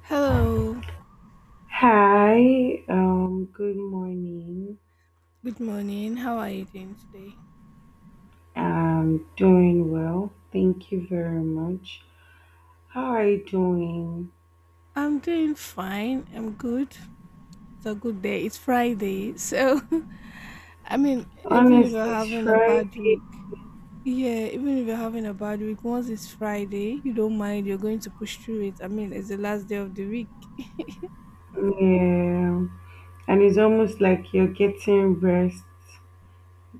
Hello, Hi, good morning. good morning. How are you doing today? I'm doing well. Thank you very much. How are you doing? I'm doing fine. I'm good. It's a good day. It's Friday. So, I mean, even if Honestly, you're it's having a bad Friday. week, yeah, even if you're having a bad week, once it's Friday, you don't mind. You're going to push through it. I mean, it's the last day of the week. Yeah. And it's almost like you're getting rest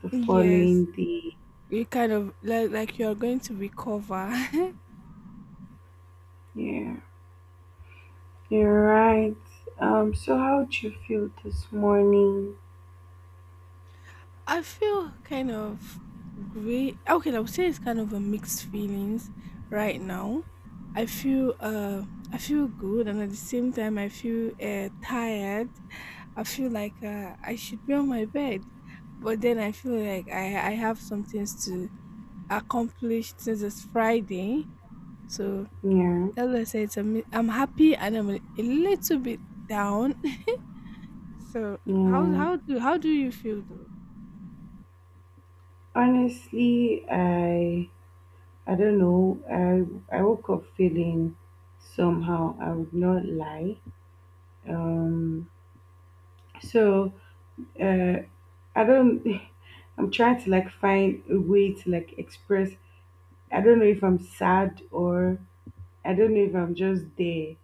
the Yes, following day. you kind of like you're going to recover. Yeah. You're right. So how'd you feel this morning? I feel kind of great. Okay, I would say it's kind of a mixed feelings right now. I feel uh I feel good and at the same time I feel tired. I feel like I should be on my bed, but then I feel like I have some things to accomplish since it's Friday. So Yeah. as I said, it's I'm happy and I'm a little bit down. So how Yeah. how do how do you feel though? Honestly, I don't know. I woke up feeling somehow. I would not lie. Um. So uh, I don't. I'm trying to like find a way to like express. I don't know if I'm sad or I don't know if I'm just there.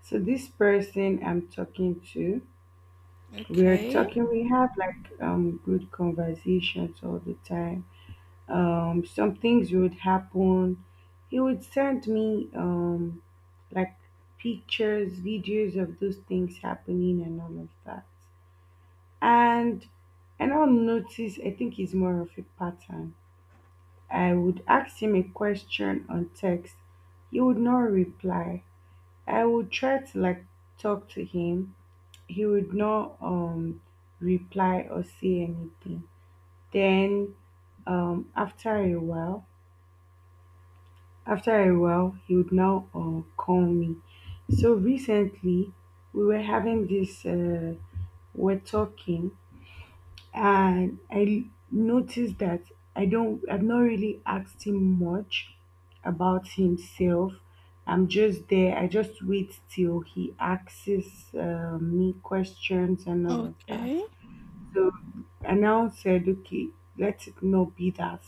So this person I'm talking to, we're Okay, talking. We have like good conversations all the time. Some things would happen. He would send me like pictures, videos of those things happening and all of that. And and I'll notice I think it's more of a pattern. I would ask him a question on text. He would not reply. I would try to like talk to him. He would not reply or say anything. Then after a while, after a while, he would now call me. So recently, we were having this, we're talking, and I noticed that I don't, I've not really asked him much about himself. I'm just there. I just wait till he asks me questions and all of that. okay. So I now said, okay, let it not be that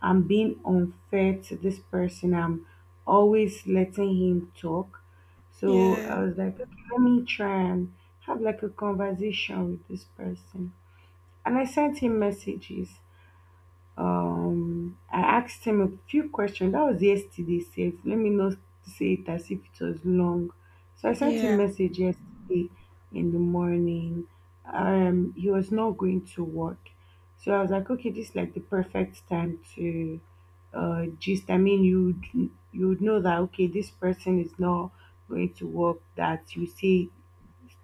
I'm being unfair to this person. I'm always letting him talk. So Yeah, I was like, okay, let me try and have like a conversation with this person. And I sent him messages. I asked him a few questions. That was yesterday, safe. Let me not say it as if it was long. So I sent him yeah, message yesterday in the morning. He was not going to work. So I was like, okay, this is like the perfect time to gist. I mean, you'd know that okay, this person is not going to work, that you see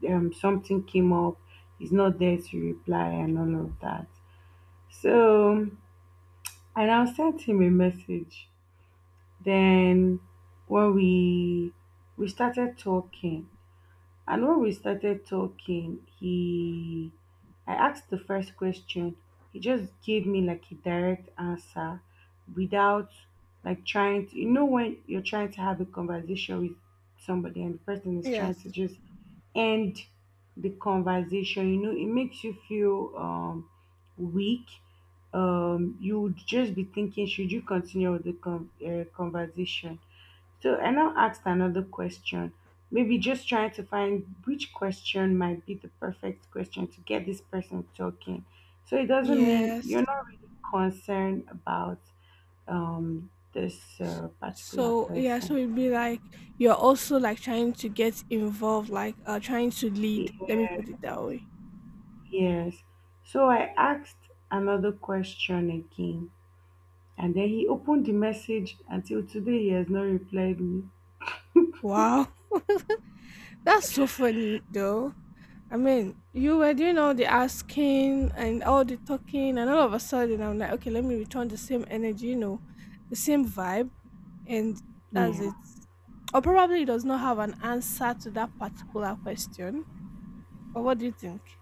something came up, he's not there to reply and all of that. So and I sent him a message. Then when we started talking, and when we started talking, he, I asked the first question. He just gave me like a direct answer without like trying to, you know, when you're trying to have a conversation with somebody and the person is trying to yes, just end the conversation, you know, it makes you feel weak. You would just be thinking, should you continue with the conversation? So I now asked another question, maybe just trying to find which question might be the perfect question to get this person talking. So it doesn't mean yes. you're not really concerned about this S- particular So yeah, so person. it'd be like you're also like trying to get involved, like trying to lead. Let me Yeah, put it that way. yes. So I asked another question again, and then he opened the message. Until today, he has not replied me. Wow, that's so funny though. I mean, you were doing all the asking and all the talking, and all of a sudden I'm like, okay, let me return the same energy, the same vibe, and that's it. Yeah. Or probably does not have an answer to that particular question. Or what do you think?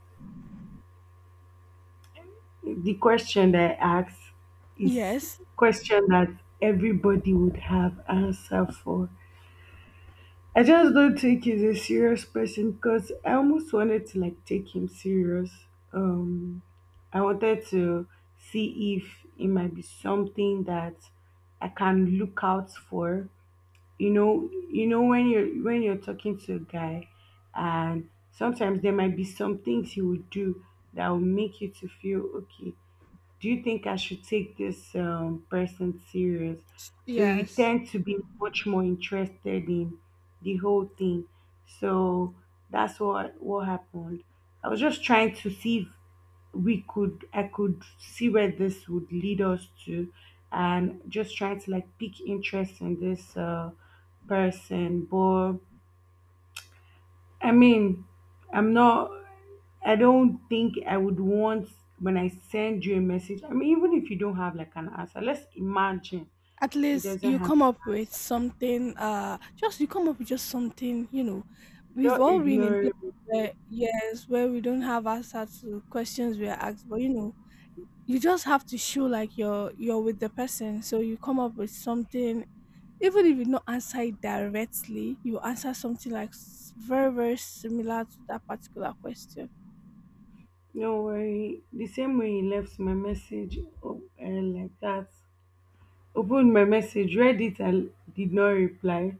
The question that I asked is Yes. question that everybody would have answer for. I just don't think he's a serious person because I almost wanted to like take him serious. Um, I wanted to see if it might be something that I can look out for. You know when you're talking to a guy, and sometimes there might be some things he would do that will make you to feel okay, do you think I should take this person serious? So you Yes. tend to be much more interested in the whole thing. So that's what happened. I was just trying to see if we could I could see where this would lead us to, and just trying to like pick interest in this person. But I mean, I'm not. I don't think I would want when I send you a message. I mean, even if you don't have like an answer, let's imagine At he least doesn't you have come an up with answer. something, just you come up with just something. We've Don't all been in ignore me. places where, yes, where we don't have answer to questions we are asked, but you just have to show like you're with the person. So you come up with something even if you not answer it directly, you answer something like very, very similar to that particular question. Do worry. The same way he left my message oh, eh, like that, opened my message, read it, and did not reply.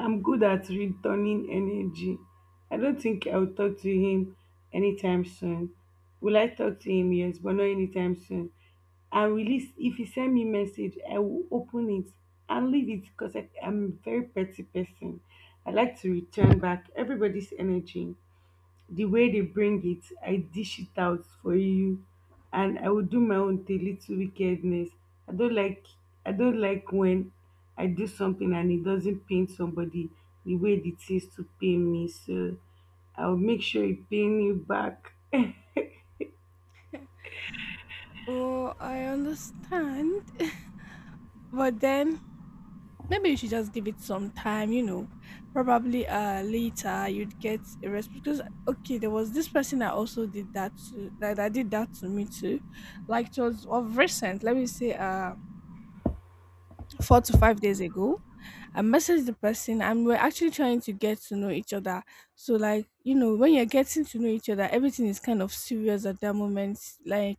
I'm good at returning energy. I don't think I'll talk to him anytime soon. Will I talk to him? Yes, but not anytime soon. And release if he send me message, I will open it and leave it because I'm a very petty person. I like to return back everybody's energy the way they bring it, I dish it out for you, and I will do my own thing, little wickedness. I don't like I don't like when I do something and it doesn't pain somebody the way it is to pain me. So I'll make sure it pain you back. Well, I understand. But then maybe you should just give it some time, probably later you'd get a response because okay, there was this person that also did that to that, that did that to me too. Like it was of recent, let me say 4 to 5 days ago. I messaged the person and we're actually trying to get to know each other. So like, when you're getting to know each other, everything is kind of serious at that moment. Like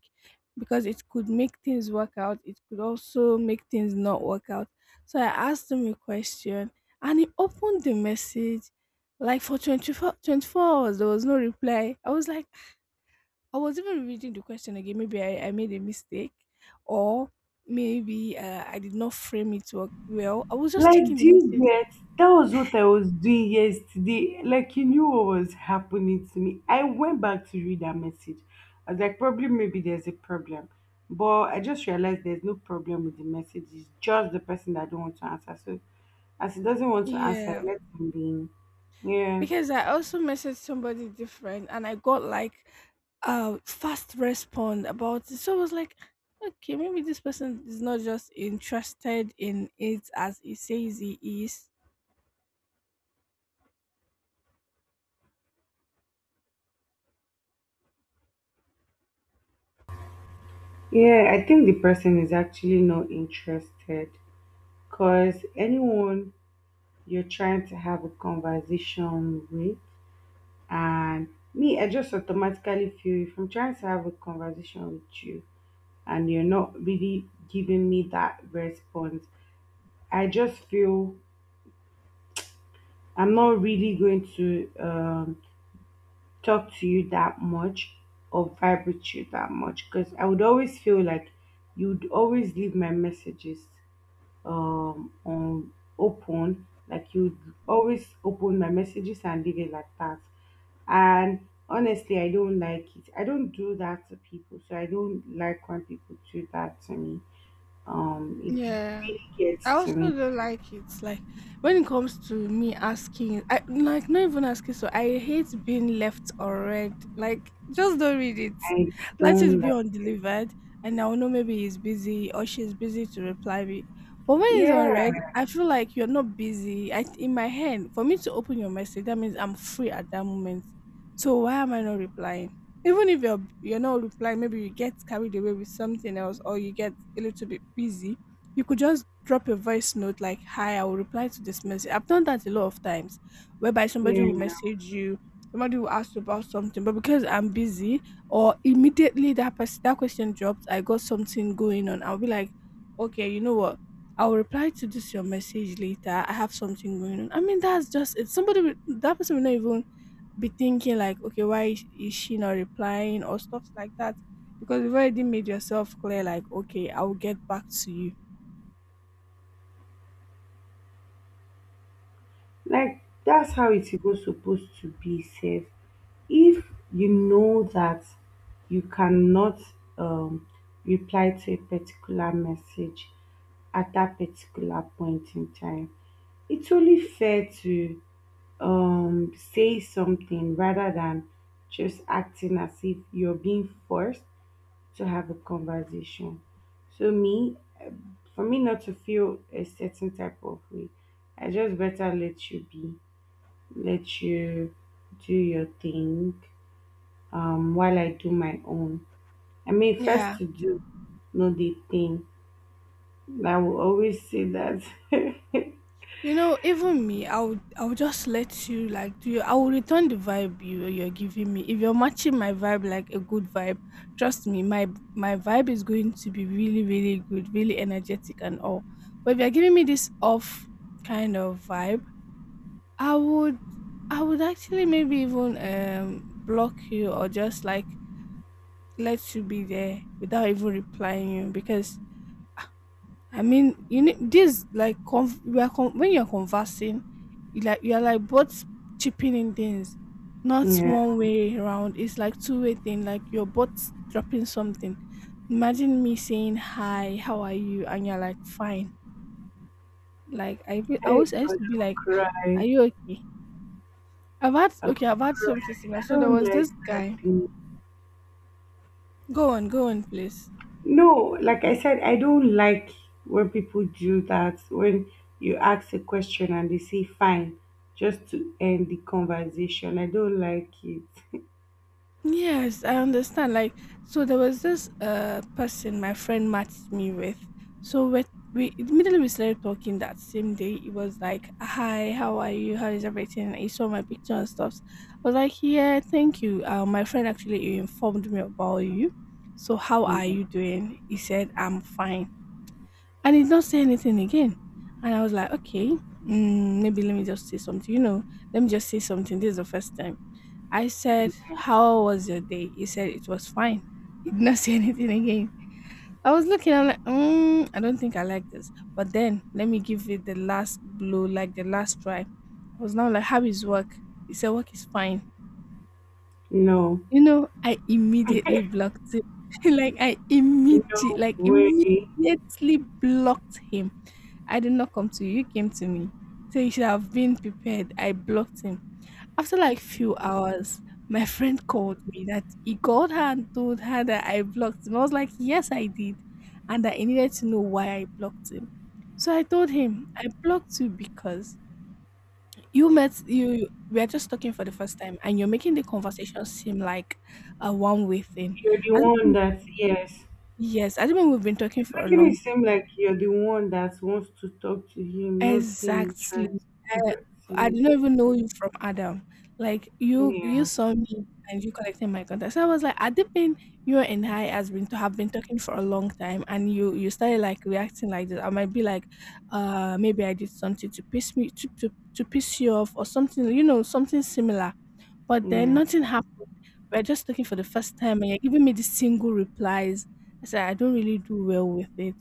because it could make things work out, it could also make things not work out. So I asked him a question and he opened the message like for twenty four hours there was no reply. I was like, I was even reading the question again. Maybe I made a mistake, or maybe I did not frame it well. I was just Like, checking do the you message. get? That was what I was doing yesterday. Like, you knew what was happening to me. I went back to read that message. I was like, probably maybe there's a problem. But I just realized there's no problem with the message. It's just the person that don't want to answer. So as he doesn't want to answer, Yeah, let him be. Yeah. because I also messaged somebody different, and I got like a fast response about it. So I was like, okay, maybe this person is not just interested in it as he says he is. Yeah, I think the person is actually not interested. Cause anyone you're trying to have a conversation with. And me, I just automatically feel if I'm trying to have a conversation with you and you're not really giving me that response, I just feel I'm not really going to talk to you that much or vibe with you that much because I would always feel like you'd always leave my messages on open, like you'd always open my messages and leave it like that. And honestly, I don't like it, I don't do that to people, so I don't like when people do that to me it Yeah. Really I gets to me. also don't like it. Like when it comes to me asking, I like not even asking. So I hate being left or read. Like just don't read it. I Let don't it be like undelivered, and I'll know maybe he's busy or she's busy to reply me. But when it's unread, Yeah, I feel like you're not busy. I In my head, for me to open your message, that means I'm free at that moment. So why am I not replying? Even if you're not replying, maybe you get carried away with something else, or you get a little bit busy, you could just drop a voice note like, "Hi, I will reply to this message." I've done that a lot of times, whereby somebody will yeah, message you, somebody will ask you about something, but because I'm busy, or immediately that person, that question drops, I got something going on, I'll be like, okay, you know what, I'll reply to this your message later, I have something going on. I mean, that's just it. That person will not even be thinking like, okay, why is she not replying, or stuff like that, because you've already made yourself clear like, okay, I will get back to you. like that's how it's even supposed to be safe if you know that you cannot um reply to a particular message at that particular point in time, it's only fair to say something rather than just acting as if you're being forced to have a conversation. So me, for me not to feel a certain type of way, I just better let you be, let you do your thing, while I do my own. I mean first Yeah. to do, not the thing. I will always say that. Yeah. You know, even me, I would just let you, like, I will return the vibe you're giving me. If you're matching my vibe like a good vibe, trust me, my vibe is going to be really, really good, really energetic and all. But if you're giving me this off kind of vibe, I would I would actually maybe even block you or just like let you be there without even replying you, because I mean, you need this like when you're conversing, you're like both chipping in things, Hey not God, one way around. It's like two-way thing. Like you're both dropping something. Imagine me saying, hi, how are you, and you're like fine. Like I used I'll to be like, cry. are you okay? I've had, I'll okay, I've had something cry. similar. I So there don't was like this that guy. thing. Go on, go on, please. No, like I said, I don't like when people do that. When you ask a question and they say fine, just to end the conversation. I don't like it. Yes, I understand. Like, so there was this person my friend matched me with. So we started talking that same day. It was like, "Hi, how are you? How is everything?" And he saw my picture and stuff. I was like, "Yeah, thank you." My friend actually informed me about you. So how are Yeah. you doing? He said, "I'm fine," and he did not say anything again. And I was like, "Okay, maybe let me just say something. You know, let me just say something. This is the first time." I said, how was your day? He said, it was fine. He did not say anything again. I was looking, I'm like, I don't think I like this. But then let me give it the last blow, like the last try. I was now like, how is work? He said, work is fine. No, You know, I immediately blocked him. Like, I immediately, no like, way. immediately blocked him. I did not come to you, you came to me. So you should have been prepared. I blocked him. After like few hours, my friend called me that he called her and told her that I blocked him. I was like, yes, I did, and that I needed to know why I blocked him. So I told him I blocked you because you met you. We are just talking for the first time, and you're making the conversation seem like a one-way thing. You're the I one don't, that, yes. yes, I don't know. We've been talking It's for a making it long. seem like you're the one that wants to talk to him, not him Exactly. trying to I, talk to I you. didn't even know you from Adam. Like you Yeah, saw me and you collected my contact. So I was like, at the pin, you and I has been to have been talking for a long time, and you started like reacting like this. I might be like, maybe I did something to piss me to piss you off, or something, something similar. But then yeah, nothing happened. We're just talking for the first time, and you're giving me these single replies. I said, I don't really do well with it.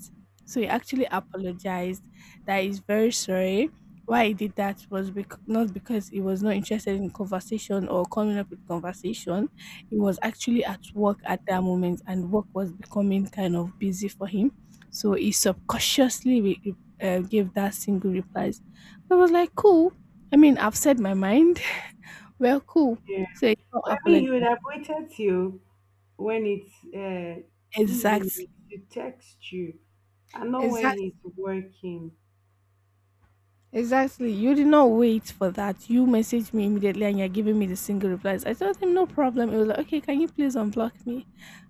So he actually apologized that he's very sorry. Why he did that was not because he was not interested in conversation or coming up with conversation. He was actually at work at that moment, and work was becoming kind of busy for him. So he subconsciously gave that single replies. I was like, cool. I mean, I've said my mind. Well, cool. yeah. So you don't But I mean, he would apologize. have waited till when it's Exactly. evening to text you and not when Exactly. he's working. Exactly. You did not wait for that. You messaged me immediately and you're giving me the single replies. I told him no problem. It was like, okay, can you please unblock me?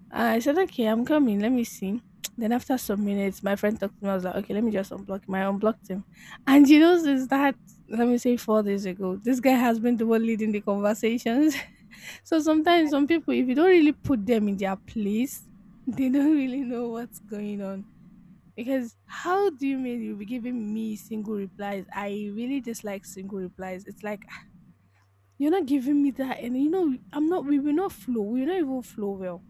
I said, okay, I'm coming. Let me see. Then after some minutes, my friend talked to me. I was like, okay, let me just unblock him. I unblocked him. And since that, let me say 4 days ago, this guy has been the one leading the conversations. So sometimes some people, if you don't really put them in their place, they don't really know what's going on. Because how do you mean you'll be giving me single replies? I really dislike single replies. It's like, "Ah, you're not giving me that, and you know I'm not. We will not flow. We will not even flow well."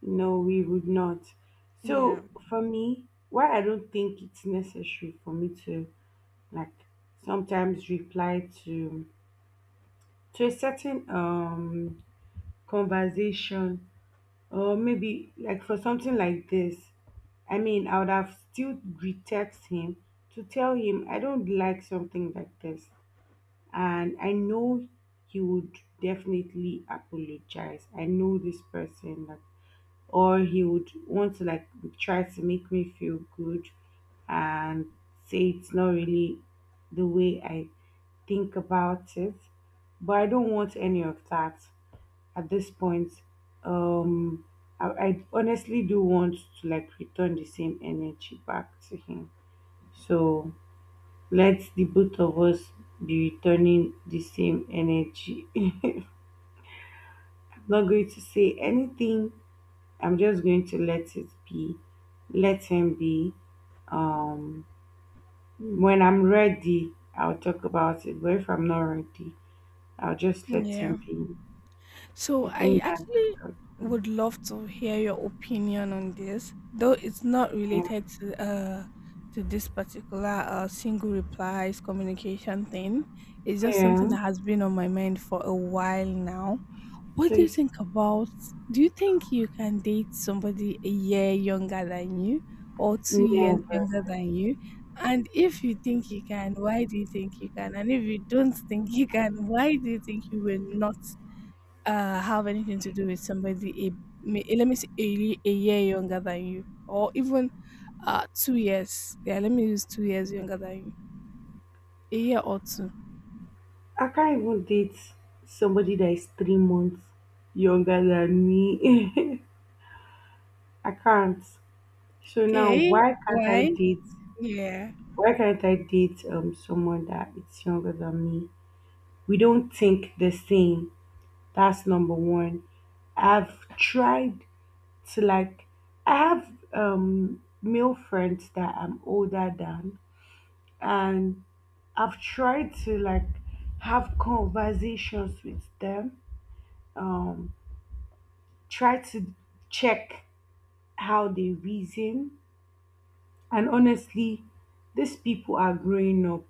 No, we would not. Yeah. So for me, why I don't think it's necessary for me to like sometimes reply to a certain conversation or maybe like for something like this. I mean, I would have still retext him to tell him I don't like something like this. And I know he would definitely apologize. I know this person, like, or he would want to like try to make me feel good and say it's not really the way I think about it. But I don't want any of that at this point. Um, I honestly do want to like return the same energy back to him. So let the both of us be returning the same energy. I'm not going to say anything. I'm just going to let it be. Let him be. Um, when I'm ready, I'll talk about it. But if I'm not ready, I'll just let him Yeah. be. So I I think that's the actually would problem. love to hear your opinion on this, though it's not Yeah. related to this particular single replies communication thing. It's just Yeah. something that has been on my mind for a while now. What do you Please think about do you think you can date somebody a year younger than you or 2 years never. younger than you? And if you think you can, why do you think you can? And if you don't think you can, why do you think you will not have anything to do with somebody let me say a year younger than you or even 2 years. Yeah, let me use 2 years younger than you. A year or two. I can't even date somebody that is 3 months younger than me. I can't. So now, Okay? why can't I Why? date? Yeah. Why can't I date someone that is younger than me? We don't think the same. That's number one. I've tried to like. I have male friends that I'm older than, and I've tried to like have conversations with them. Um, try to check how they reason. And honestly, these people are growing up.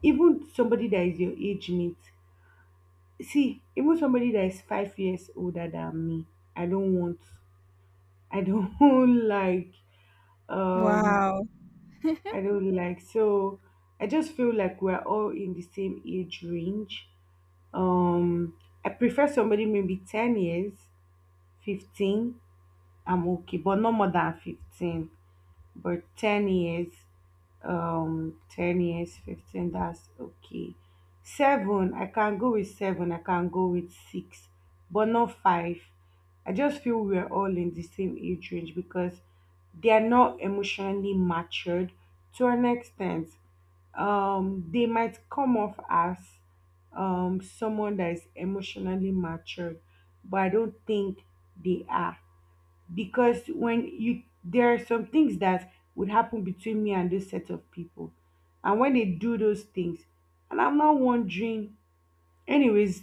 Even somebody that is your age mate. See, even somebody that is 5 years older than me, I don't want. I don't like. Um, Wow. I don't like. So I just feel like we're all in the same age range. Um, I prefer somebody maybe 10 years, 15. I'm okay, but no more than 15. But 10 years. 10 years, 15, that's okay. Seven, I can go with seven. I can go with six, but not five. I just feel we're all in the same age range, because they are not emotionally matured to an extent. They might come off as someone that is emotionally matured, but I don't think they are. Because when you there are some things that would happen between me and this set of people, and when they do those things, and I'm not wondering anyways.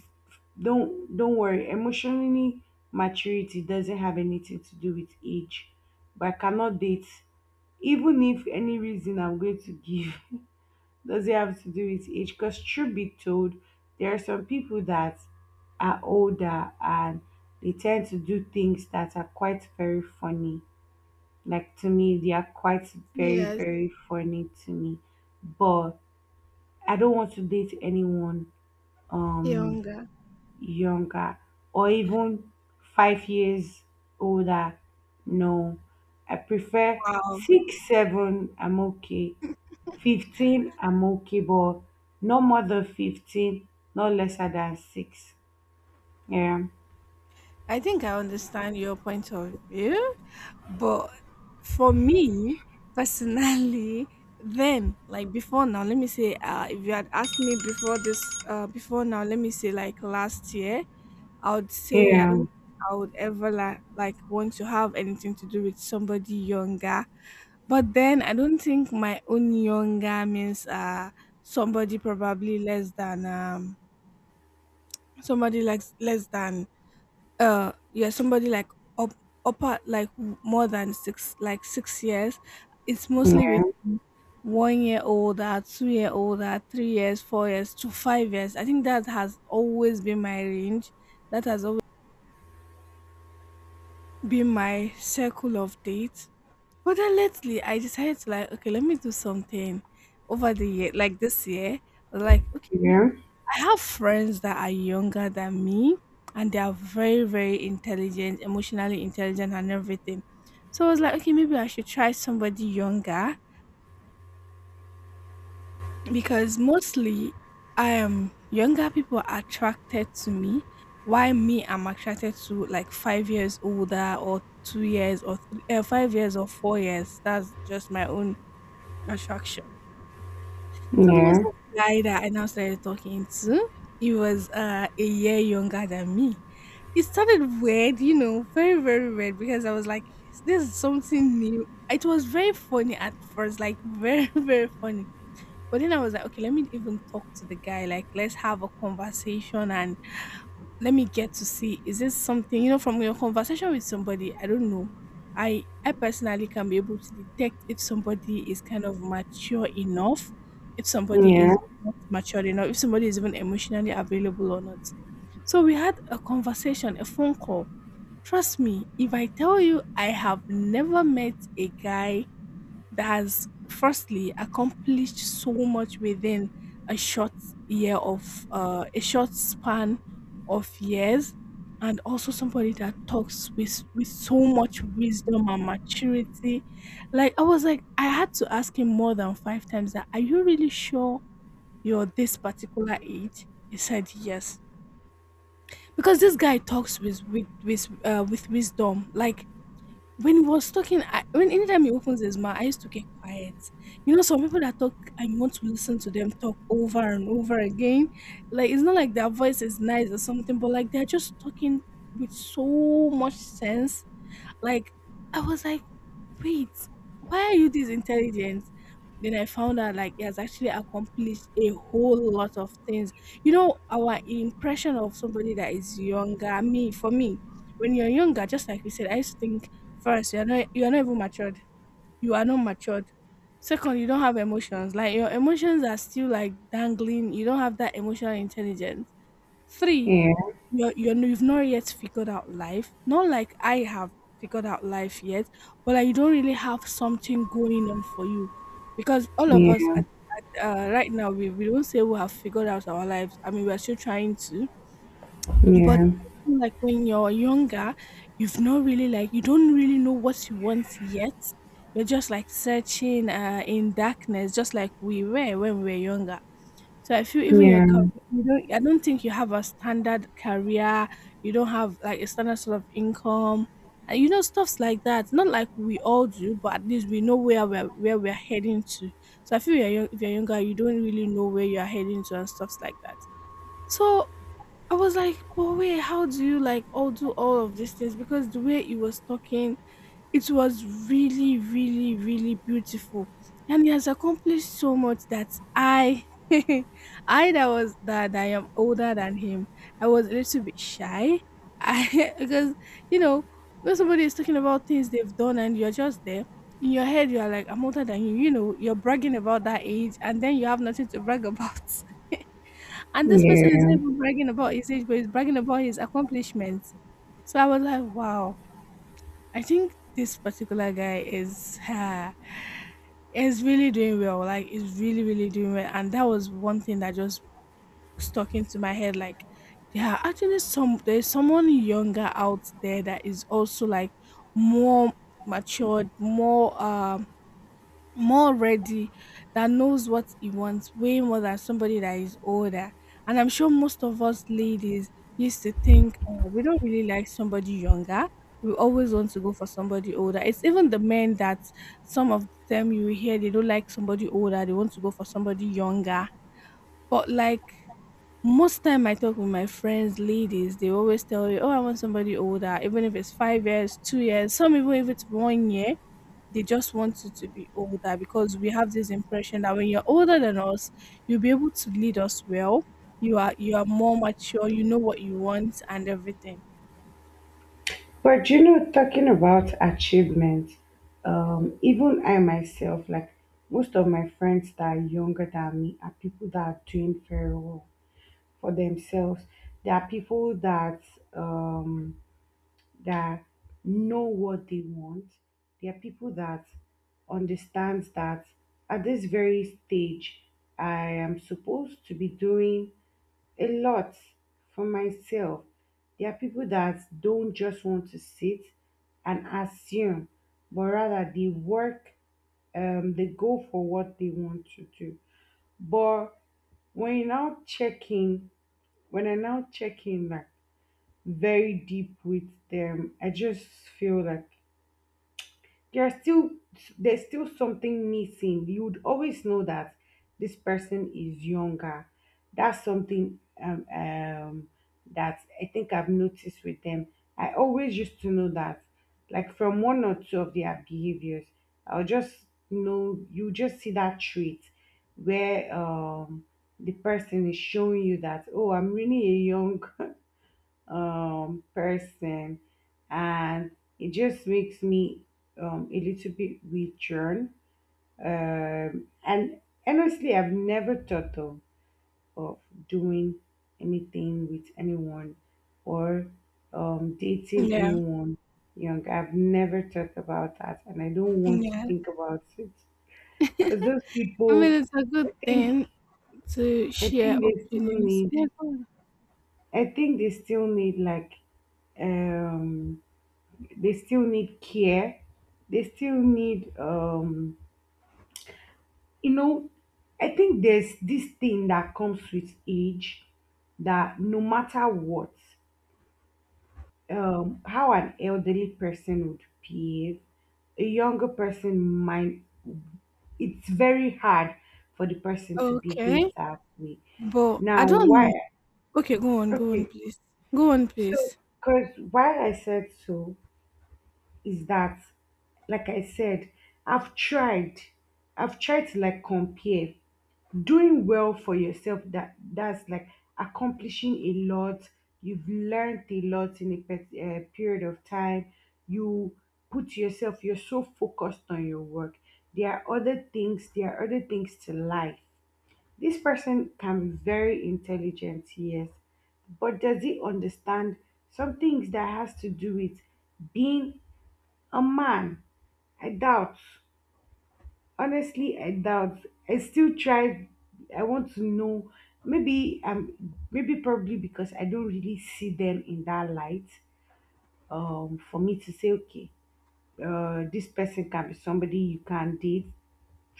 Don't worry, emotionally maturity doesn't have anything to do with age. But I cannot date. Even if any reason I'm going to give doesn't have to do with age, because truth be told, there are some people that are older and they tend to do things that are quite very funny. Like to me, they are quite very, Yes, very funny to me. But I don't want to date anyone um younger. younger, or even 5 years older. No. I prefer Wow. six, seven, I'm okay. 15, I'm okay, but no more than 15, no lesser than six. Yeah. I think I understand your point of view, but for me personally, then like before now, let me say, if you had asked me before this, before now, let me say like last year, I would say I don't Yeah. think I would ever like want to have anything to do with somebody younger. But then I don't think my own younger means somebody probably less than somebody like less than yeah somebody like up upper like more than six like 6 years. It's mostly with Yeah. 1 year old or 2 year old or 3 years, 4 years to 5 years. I think that has always been my range, that has always been my circle of dates. But then lately I decided to like, okay, let me do something over the year like this year. I was like, okay, Yeah. I have friends that are younger than me, and they are very, very intelligent, emotionally intelligent and everything. So I was like, okay, maybe I should try somebody younger because mostly I am younger people are attracted to me. Why me? I'm attracted to like 5 years older or 2 years or 5 years or 4 years. That's just my own attraction. So there was Yeah. this guy that I now started talking to. He was a year younger than me. It started weird, you know, very, very weird because I was like, this is something new. It was very funny at first, like very, very funny. But then I was like, okay, let me even talk to the guy. Like, let's have a conversation and let me get to see, is this something? You know, from your conversation with somebody, I don't know. I personally can be able to detect if somebody is kind of mature enough, if somebody Yeah. is not mature enough, if somebody is even emotionally available or not. So we had a conversation, a phone call. Trust me, if I tell you, I have never met a guy that has firstly accomplished so much within a short year of a short span of years, and also somebody that talks with so much wisdom and maturity. Like, I was like, I had to ask him more than 5 times that, are you really sure you're this particular age? He said yes, because this guy talks with wisdom. Like when he was talking, I when anytime he opens his mouth, I used to get quiet. You know, some people that talk and you want to listen to them talk over and over again. Like, it's not like their voice is nice or something, but like they're just talking with so much sense. Like I was like, wait, why are you this intelligent? Then I found out like he has actually accomplished a whole lot of things. You know, our impression of somebody that is younger, me for me, when you're younger, just like you said, I used to think, first, you're not even matured. You are not matured. Second, you don't have emotions. Like your emotions are still like dangling. You don't have that emotional intelligence. Three, Yeah. You've not yet figured out life. Not like I have figured out life yet, but like you don't really have something going on for you because all of us Yeah. at- right now we don't say we have figured out our lives. I mean, we're still trying to. But Yeah. I feel like when you're younger, you've not really like, you don't really know what you want yet. You're just like searching in darkness, just like we were when we were younger. So I feel, even your career, Yeah. you don't, I don't think you have a standard career, you don't have like a standard sort of income, and you know, stuffs like that. Not like we all do, but at least we know where we're heading to. So I feel you're young, if you're younger, you don't really know where you're heading to and stuffs like that. So I was like, but wait, how do you like all do all of these things? Because the way you was talking, it was really, really, really beautiful. And he has accomplished so much that I I that was that I am older than him. I was a little bit shy. I because, you know, when somebody is talking about things they've done and you're just there, in your head you are like, I'm older than you, you know, you're bragging about that age and then you have nothing to brag about. And this person is not Yeah, even bragging about his age, but he's bragging about his accomplishments. So I was like, wow, I think this particular guy is really doing well. Like, is really really doing well, and that was one thing that just stuck into my head. Like, there are actually some, there's someone younger out there that is also like more matured, more more ready, that knows what he wants way more than somebody that is older. And I'm sure most of us ladies used to think, we don't really like somebody younger. We always want to go for somebody older. It's even the men that, some of them, you hear, they don't like somebody older, they want to go for somebody younger. But like, most time I talk with my friends, ladies, they always tell you, oh, I want somebody older, even if it's 5 years, 2 years, some even if it's 1 year. They just want you to be older because we have this impression that when you're older than us, you'll be able to lead us well. You are more mature, you know what you want and everything. but talking about achievement, even I myself, like most of my friends that are younger than me, are people that are doing very well for themselves. There are people um, that know what they want. There are people that understands that at this very stage, I am supposed to be doing a lot for myself. There are people that don't just want to sit and assume, but rather they work, they go for what they want to do. But when you now check in, when I now check in like very deep with them, I just feel like there's still there's still something missing. You would always know that this person is younger. That's something that I think I've noticed with them. I always used to know that, like from one or two of their behaviors, I'll just know. You just see that trait where the person is showing you that, oh, I'm really a young person, and it just makes me a little bit withdrawn. And honestly, I've never thought of doing anything with anyone, or dating Yeah. anyone young. I've never thought about that, and I don't want to Yeah. think about it, because those I mean, people, it's a good I think, thing to I share think they still opinions. need, Yeah. I think they still need, like, um they still need care. They still need, you know, I think there's this thing that comes with age, that no matter what, how an elderly person would behave, a younger person might, it's very hard for the person to behave Okay. that way. But I Now, why? don't, okay, go on, go on Okay, please. Go on so please. because why I said so is that, like I said, I've tried. I've tried to like compare doing well for yourself, that's like accomplishing a lot. You've learned a lot in a period of time. you you're so focused on your work. There are other things to life. This person can be very intelligent, yes, but does he understand some things that has to do with being a man? I doubt. Honestly, I doubt. I still try. I want to know. Maybe probably because I don't really see them in that light. For me to say, okay, this person can be somebody you can date,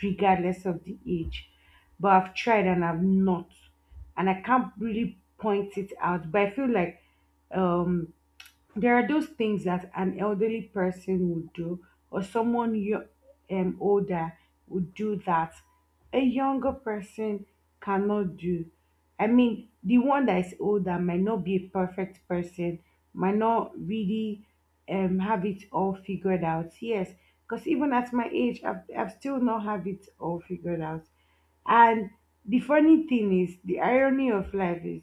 regardless of the age. But I've tried and I've not, and I can't really point it out. But I feel like um there are those things that an elderly person would do, or older would do that a younger person cannot do. I mean, the one that is older might not be a perfect person, might not really have it all figured out. Yes, because even at my age, I've still not have it all figured out. And the funny thing is, the irony of life is,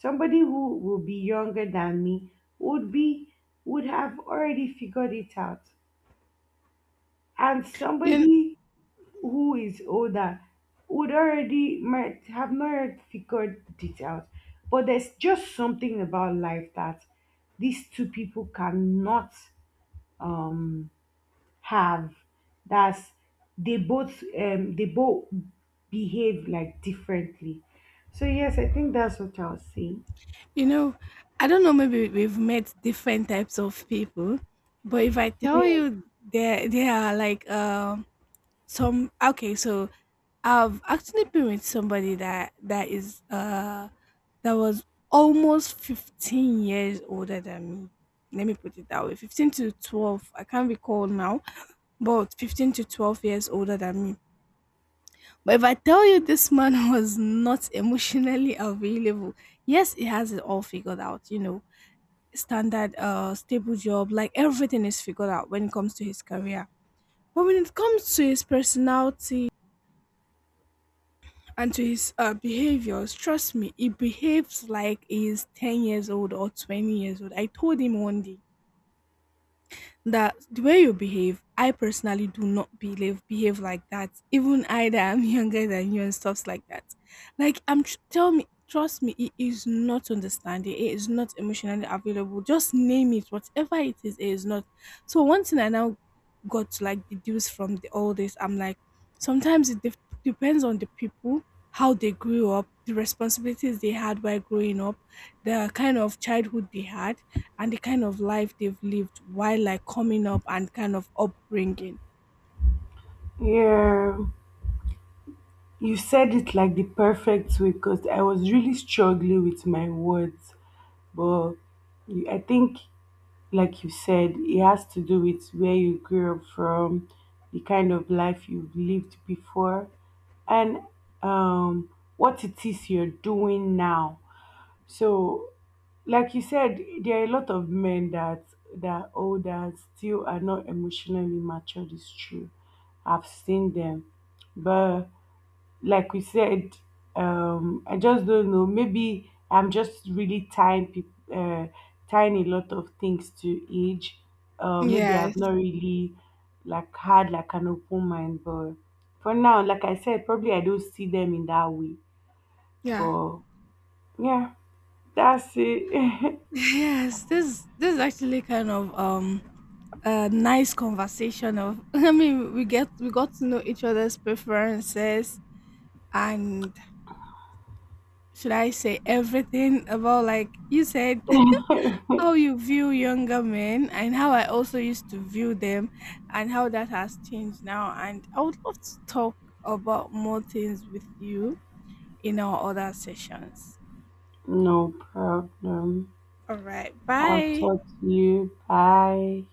somebody who would be younger than me would be would have already figured it out. And You, somebody who is older would already might have not figured it out. But there's just something about life that these two people cannot um, have. That's, they both behave like differently. So, yes, I think that's what I'll say. you know, I don't know, maybe we've met different types of people, but if I tell Yeah. you, there are like some, okay, so I've actually been with somebody that is that was almost 15 years older than me. Let me put it that way, 15 to 12, I can't recall now, but 15 to 12 years older than me. But if I tell you, this man was not emotionally available. Yes, he has it all figured out, you know, standard stable job, like everything is figured out when it comes to his career. But when it comes to his personality and to his behaviors, trust me, he behaves like he's 10 years old or 20 years old. I told him one day, that the way you behave, I personally do not believe behave like that. Even I that I'm younger than you and stuffs like that. Like tell me, trust me, it is not understanding. It is not emotionally available. Just name it, whatever it is not. So one thing I now got to like deduce from the, all this, I'm like, sometimes it depends on the people, how they grew up, the responsibilities they had while growing up, the kind of childhood they had and the kind of life they've lived while like coming up and kind of upbringing. Yeah. You said it like the perfect way, because I was really struggling with my words, but I think, like you said, it has to do with where you grew up from, the kind of life you've lived before, and um, what it is you're doing now. So, like you said, there are a lot of men that are older still are not emotionally matured. It's true, I've seen them, but like we said, I just don't know. Maybe I'm just really tying a lot of things to age. Maybe I've Yes. not really like had like an open mind, but for now, like I said, probably I don't see them in that way. Yeah. But yeah, that's it. Yes, this is actually kind of a nice conversation of I mean we got to know each other's preferences and should I say everything about, like you said, how you view younger men and how I also used to view them and how that has changed now. And I would love to talk about more things with you in our other sessions. No problem. All right. I'll Bye. talk to you. Bye.